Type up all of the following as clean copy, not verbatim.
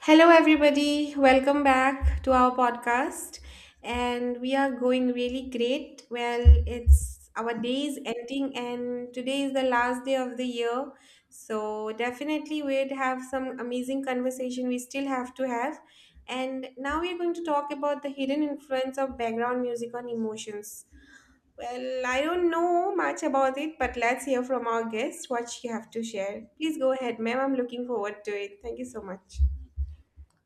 Hello, everybody. Welcome back to our podcast. And we are going really great. Well, it's our day is ending, and today is the last day of the year. So, definitely, we'd have some amazing conversation we still have to have. And now we're going to talk about the hidden influence of background music on emotions. Well, I don't know much about it, but let's hear from our guest what she have to share. Please go ahead, ma'am. I'm looking forward to it. Thank you so much.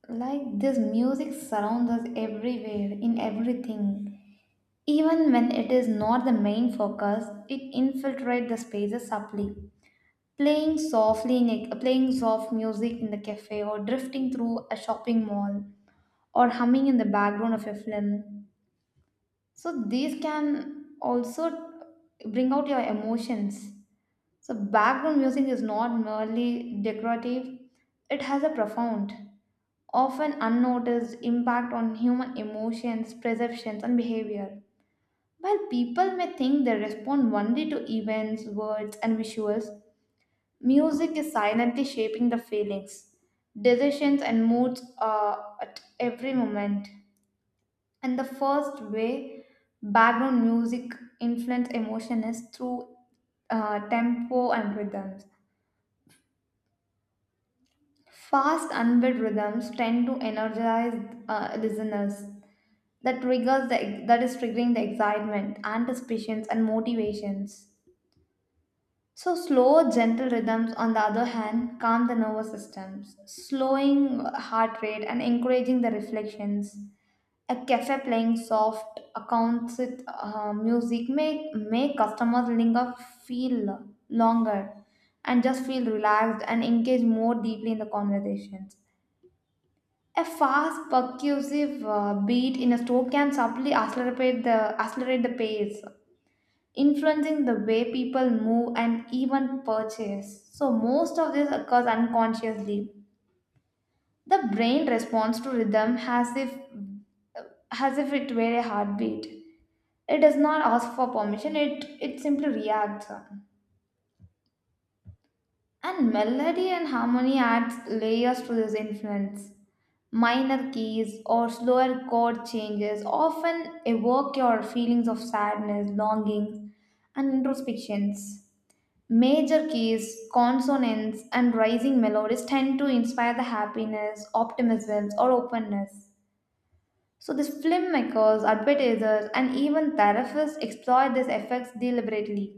Like this music surrounds us everywhere, in everything. Even when it is not the main focus, it infiltrates the spaces subtly. Playing softly playing soft music in the cafe, or drifting through a shopping mall, or humming in the background of a film. So these can also bring out your emotions. So background music is not merely decorative, it has a profound, often unnoticed impact on human emotions, perceptions, and behavior. While people may think they respond only to events, words, and visuals, music is silently shaping the feelings, decisions, and moods at every moment. And the first way background music influence emotion is through tempo and rhythms. Fast, unbeat rhythms tend to energize listeners, that is triggering the excitement, anticipations, and motivations. So slow, gentle rhythms, on the other hand, calm the nervous systems, slowing heart rate and encouraging the reflections. A cafe playing soft a concert music make customers linger, feel longer, and just feel relaxed and engage more deeply in the conversations. A fast, percussive beat in a stroke can subtly accelerate the pace, influencing the way people move and even purchase. So, most of this occurs unconsciously. The brain responds to rhythm as if it were a heartbeat. It does not ask for permission, it simply reacts. And melody and harmony adds layers to this influence. Minor keys or slower chord changes often evoke your feelings of sadness, longings, and introspections. Major keys, consonants, and rising melodies tend to inspire the happiness, optimism, or openness. So, these filmmakers, advertisers, and even therapists exploit these effects deliberately.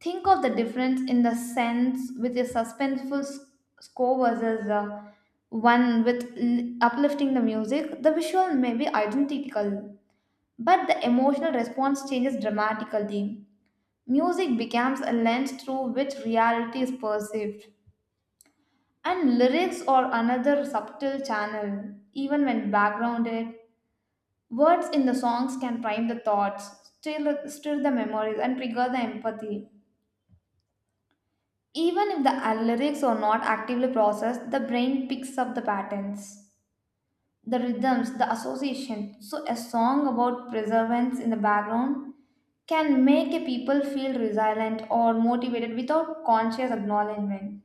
Think of the difference in the sense with a suspenseful score versus one with uplifting the music. The visual may be identical, but the emotional response changes dramatically. Music becomes a lens through which reality is perceived, and lyrics are another subtle channel, even when backgrounded. Words in the songs can prime the thoughts, stir the memories, and trigger the empathy. Even if the lyrics are not actively processed, the brain picks up the patterns, the rhythms, the associations. So, a song about perseverance in the background can make a people feel resilient or motivated without conscious acknowledgement.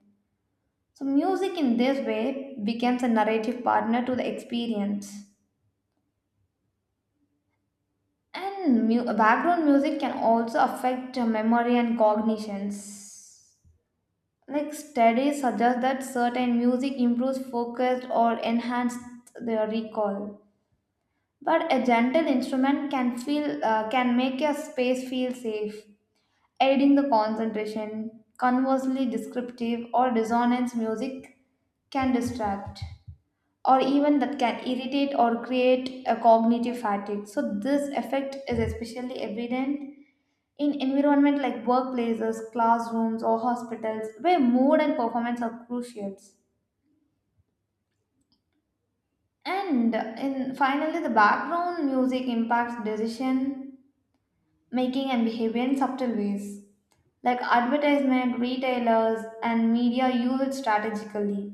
So, music in this way becomes a narrative partner to the experience. And background music can also affect memory and cognitions. Like studies suggest that certain music improves focus or enhances their recall. But a gentle instrument can make a space feel safe, aiding the concentration. Conversely, descriptive or dissonance music can distract or even that can irritate or create a cognitive fatigue. So this effect is especially evident in environment like workplaces, classrooms, or hospitals, where mood and performance are crucial. And in finally, the background music impacts decision making and behavior in subtle ways, like advertisement, retailers, and media use it strategically.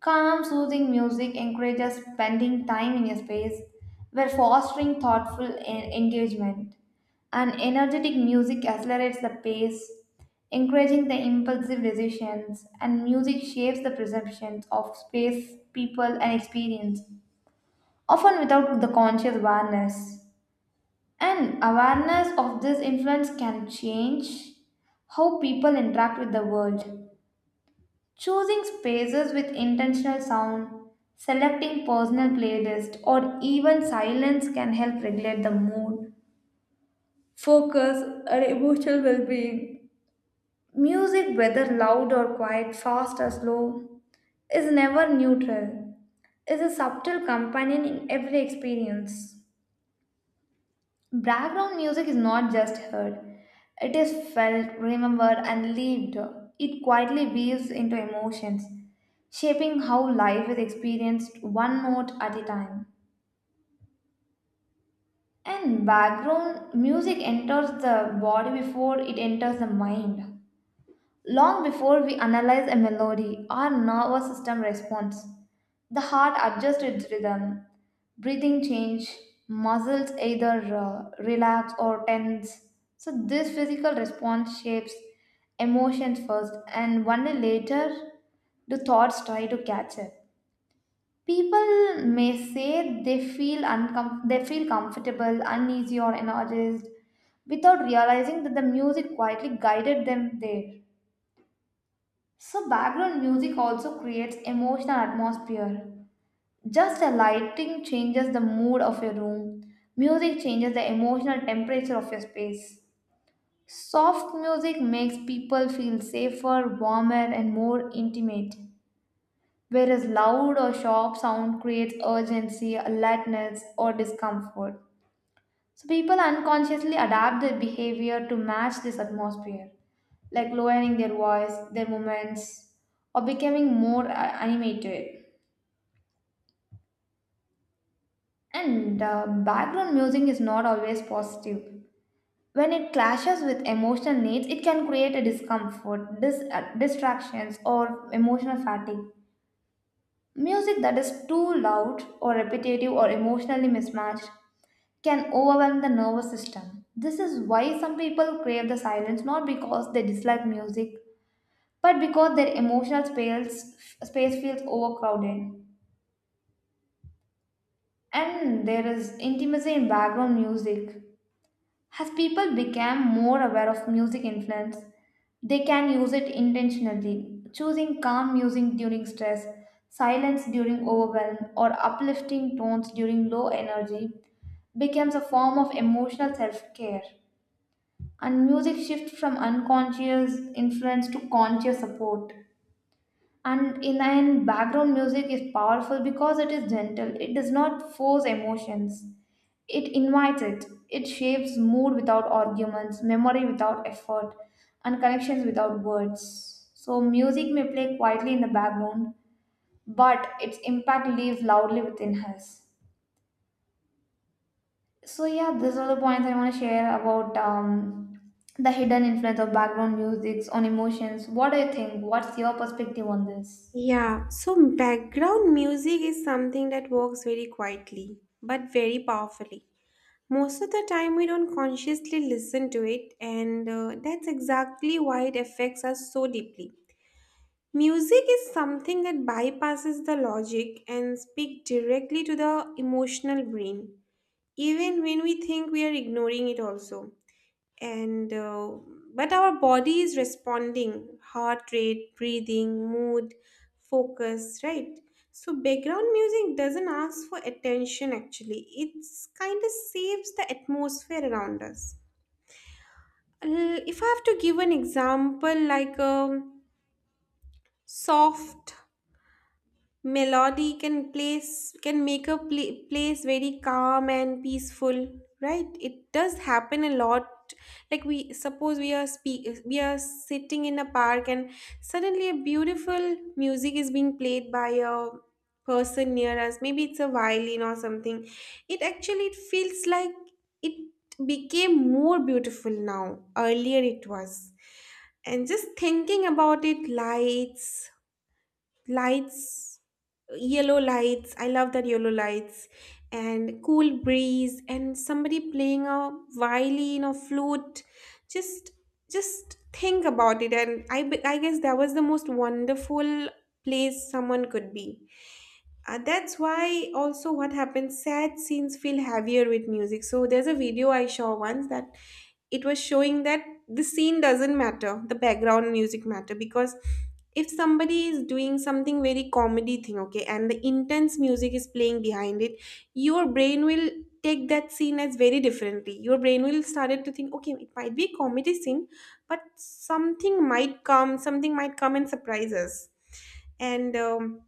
Calm, soothing music encourages spending time in a space where fostering thoughtful engagement. And energetic music accelerates the pace, encouraging the impulsive decisions, and music shapes the perceptions of space, people, and experience, often without the conscious awareness. And awareness of this influence can change how people interact with the world. Choosing spaces with intentional sound, selecting personal playlist, or even silence can help regulate the mood, focus, and emotional well-being. Music, whether loud or quiet, fast or slow, is never neutral. Is a subtle companion in every experience. Background music is not just heard, it is felt, remembered, and lived. It quietly weaves into emotions, shaping how life is experienced one note at a time. And background music enters the body before it enters the mind. Long before we analyze a melody, our nervous system responds. The heart adjusts its rhythm, breathing change, muscles either relax or tense. So this physical response shapes emotions first, and only later do thoughts try to catch up. People may say they feel comfortable, uneasy or energized without realizing that the music quietly guided them there. So background music also creates emotional atmosphere. Just a lighting changes the mood of a room. Music changes the emotional temperature of your space. Soft music makes people feel safer, warmer and more intimate, whereas loud or sharp sound creates urgency, alertness or discomfort. So people unconsciously adapt their behavior to match this atmosphere, like lowering their voice, their movements, or becoming more animated. And background music is not always positive. When it clashes with emotional needs, it can create a discomfort, distractions, or emotional fatigue. Music that is too loud or repetitive or emotionally mismatched can overwhelm the nervous system. This is why some people crave the silence, not because they dislike music but because their space feels overcrowded. And there is intimacy in background music. As people become more aware of music influence, they can use it intentionally, choosing calm music during stress, silence during overwhelm, or uplifting tones during low energy becomes a form of emotional self-care. And music shifts from unconscious influence to conscious support. And in the end, background music is powerful because it is gentle. It does not force emotions. It invites it. It shapes mood without arguments, memory without effort, and connections without words. So, music may play quietly in the background, but its impact lives loudly within us. So, yeah, these are the points I want to share about the hidden influence of background music on emotions. What do you think? What's your perspective on this? Yeah, so background music is something that works very quietly but very powerfully. Most of the time, we don't consciously listen to it, and that's exactly why it affects us so deeply. Music is something that bypasses the logic and speaks directly to the emotional brain, even when we think we are ignoring it, also and but our body is responding: heart rate, breathing, mood, focus, right? So background music doesn't ask for attention, actually. It's kind of saves the atmosphere around us. If I have to give an example, like a soft melody can place can make a place very calm and peaceful, right? It does happen a lot. Like, we suppose we are speak we are sitting in a park and suddenly a beautiful music is being played by a person near us, maybe it's a violin or something. It actually it feels like it became more beautiful now, earlier it was. And just thinking about it, lights lights yellow lights, I love that yellow lights and cool breeze and somebody playing a violin or flute. just just think about it and I guess that was the most wonderful place someone could be. Uh, that's why, also, what happens, sad scenes feel heavier with music. So there's a video I saw once that it was showing that the scene doesn't matter, the background music matter. Because if somebody is doing something very comedy thing, okay, and the intense music is playing behind it, your brain will take that scene as very differently. Your brain will started to think, okay, it might be a comedy scene, but something might come and surprise us. And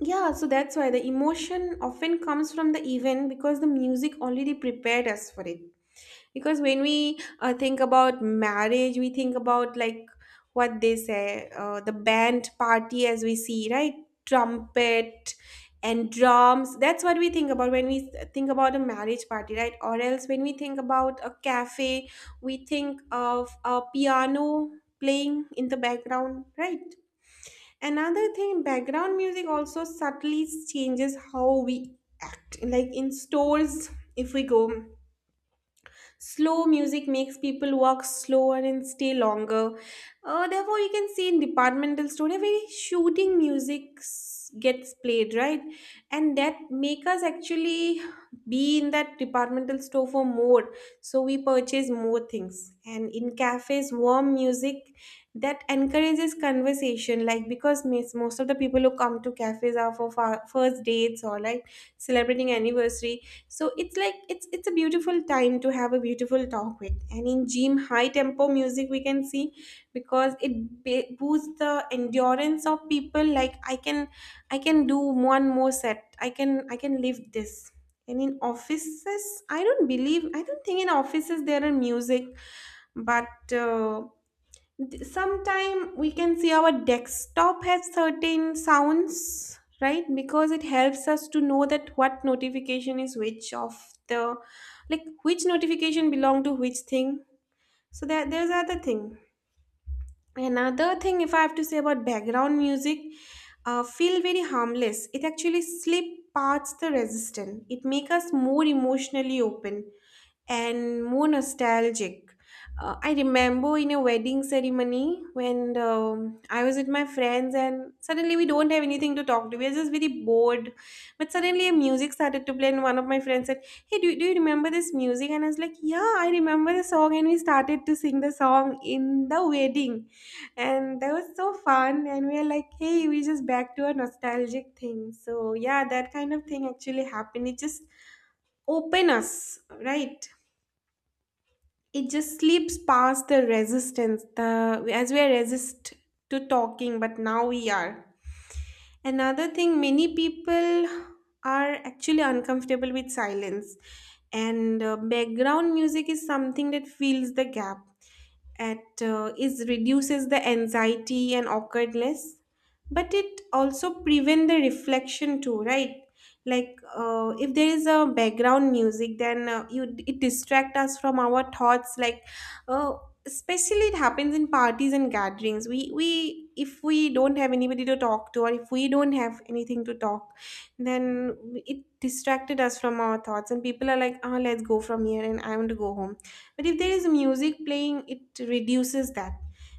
yeah, so that's why the emotion often comes from the event, because the music already prepared us for it. Because when we think about marriage, we think about, like, what they say, the band party, as we see, right? Trumpet and drums, that's what we think about when we think about a marriage party, right? Or else when we think about a cafe, we think of a piano playing in the background, right? Another thing, background music also subtly changes how we act. Like, in stores, if we go, slow music makes people walk slower and stay longer. Therefore, you can see in departmental store a very shooting music gets played, right? And that make us actually be in that departmental store for more, so we purchase more things. And in cafes, warm music that encourages conversation. Like, because most of the people who come to cafes are for first dates or like celebrating anniversary. So it's like it's a beautiful time to have a beautiful talk with. And in gym, high tempo music we can see, because it boosts the endurance of people. Like, I can I can do one more set, I can live this. And in offices, I don't believe, I don't think in offices there are music, but sometimes we can see our desktop has certain sounds, right? Because it helps us to know that what notification is, which of the, like, which notification belong to which thing. So that there's other thing. Another thing, if I have to say about background music, feel very harmless, it actually slip parts the resistance, it make us more emotionally open and more nostalgic. I remember in a wedding ceremony when I was with my friends, and suddenly we don't have anything to talk to. We are just very bored. But suddenly, a music started to play, and one of my friends said, "Hey, do you remember this music?" And I was like, "Yeah, I remember the song." And we started to sing the song in the wedding, and that was so fun. And we were like, "Hey, we just back to a nostalgic thing." So yeah, that kind of thing actually happened. It just open us, right? It just slips past the resistance, the as we are resist to talking, but now we are. Another thing, many people are actually uncomfortable with silence, and background music is something that fills the gap. It is reduces the anxiety and awkwardness, but it also prevent the reflection too, right? Like, if there is a background music, then you it distract us from our thoughts. Like, uh, especially it happens in parties and gatherings. We if we don't have anybody to talk to or if we don't have anything to talk, then it distracted us from our thoughts, and people are like, ah, let's go from here and I want to go home. But if there is music playing, it reduces that.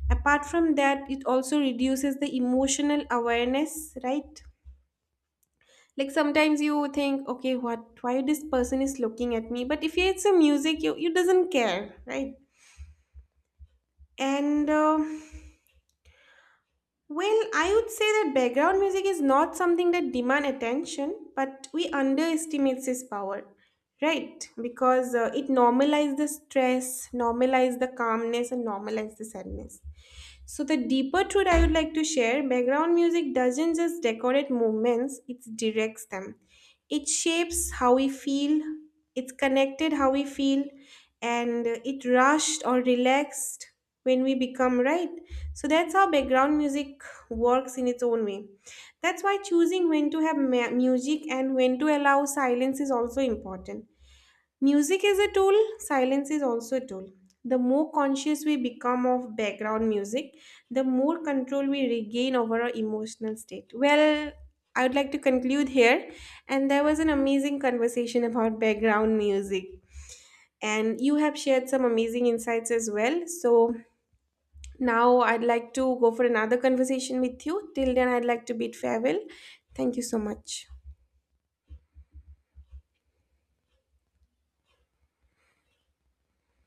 Apart from that, it also reduces the emotional awareness, right? Like, sometimes you think, okay, what, why this person is looking at me? But if it's a music, you doesn't care, right? And well, I would say that background music is not something that demand attention, but we underestimate its power, right? Because it normalize the stress, normalize the calmness, and normalize the sadness. So, the deeper truth I would like to share: background music doesn't just decorate movements, it directs them. It shapes how we feel, it's connected how we feel, and it rushed or relaxed when we become, right? So, that's how background music works in its own way. That's why choosing when to have music and when to allow silence is also important. Music is a tool, silence is also a tool. The more conscious we become of background music, the more control we regain over our emotional state. Well, I would like to conclude here. And there was an amazing conversation about background music. And you have shared some amazing insights as well. So now I'd like to go for another conversation with you. Till then, I'd like to bid farewell. Thank you so much.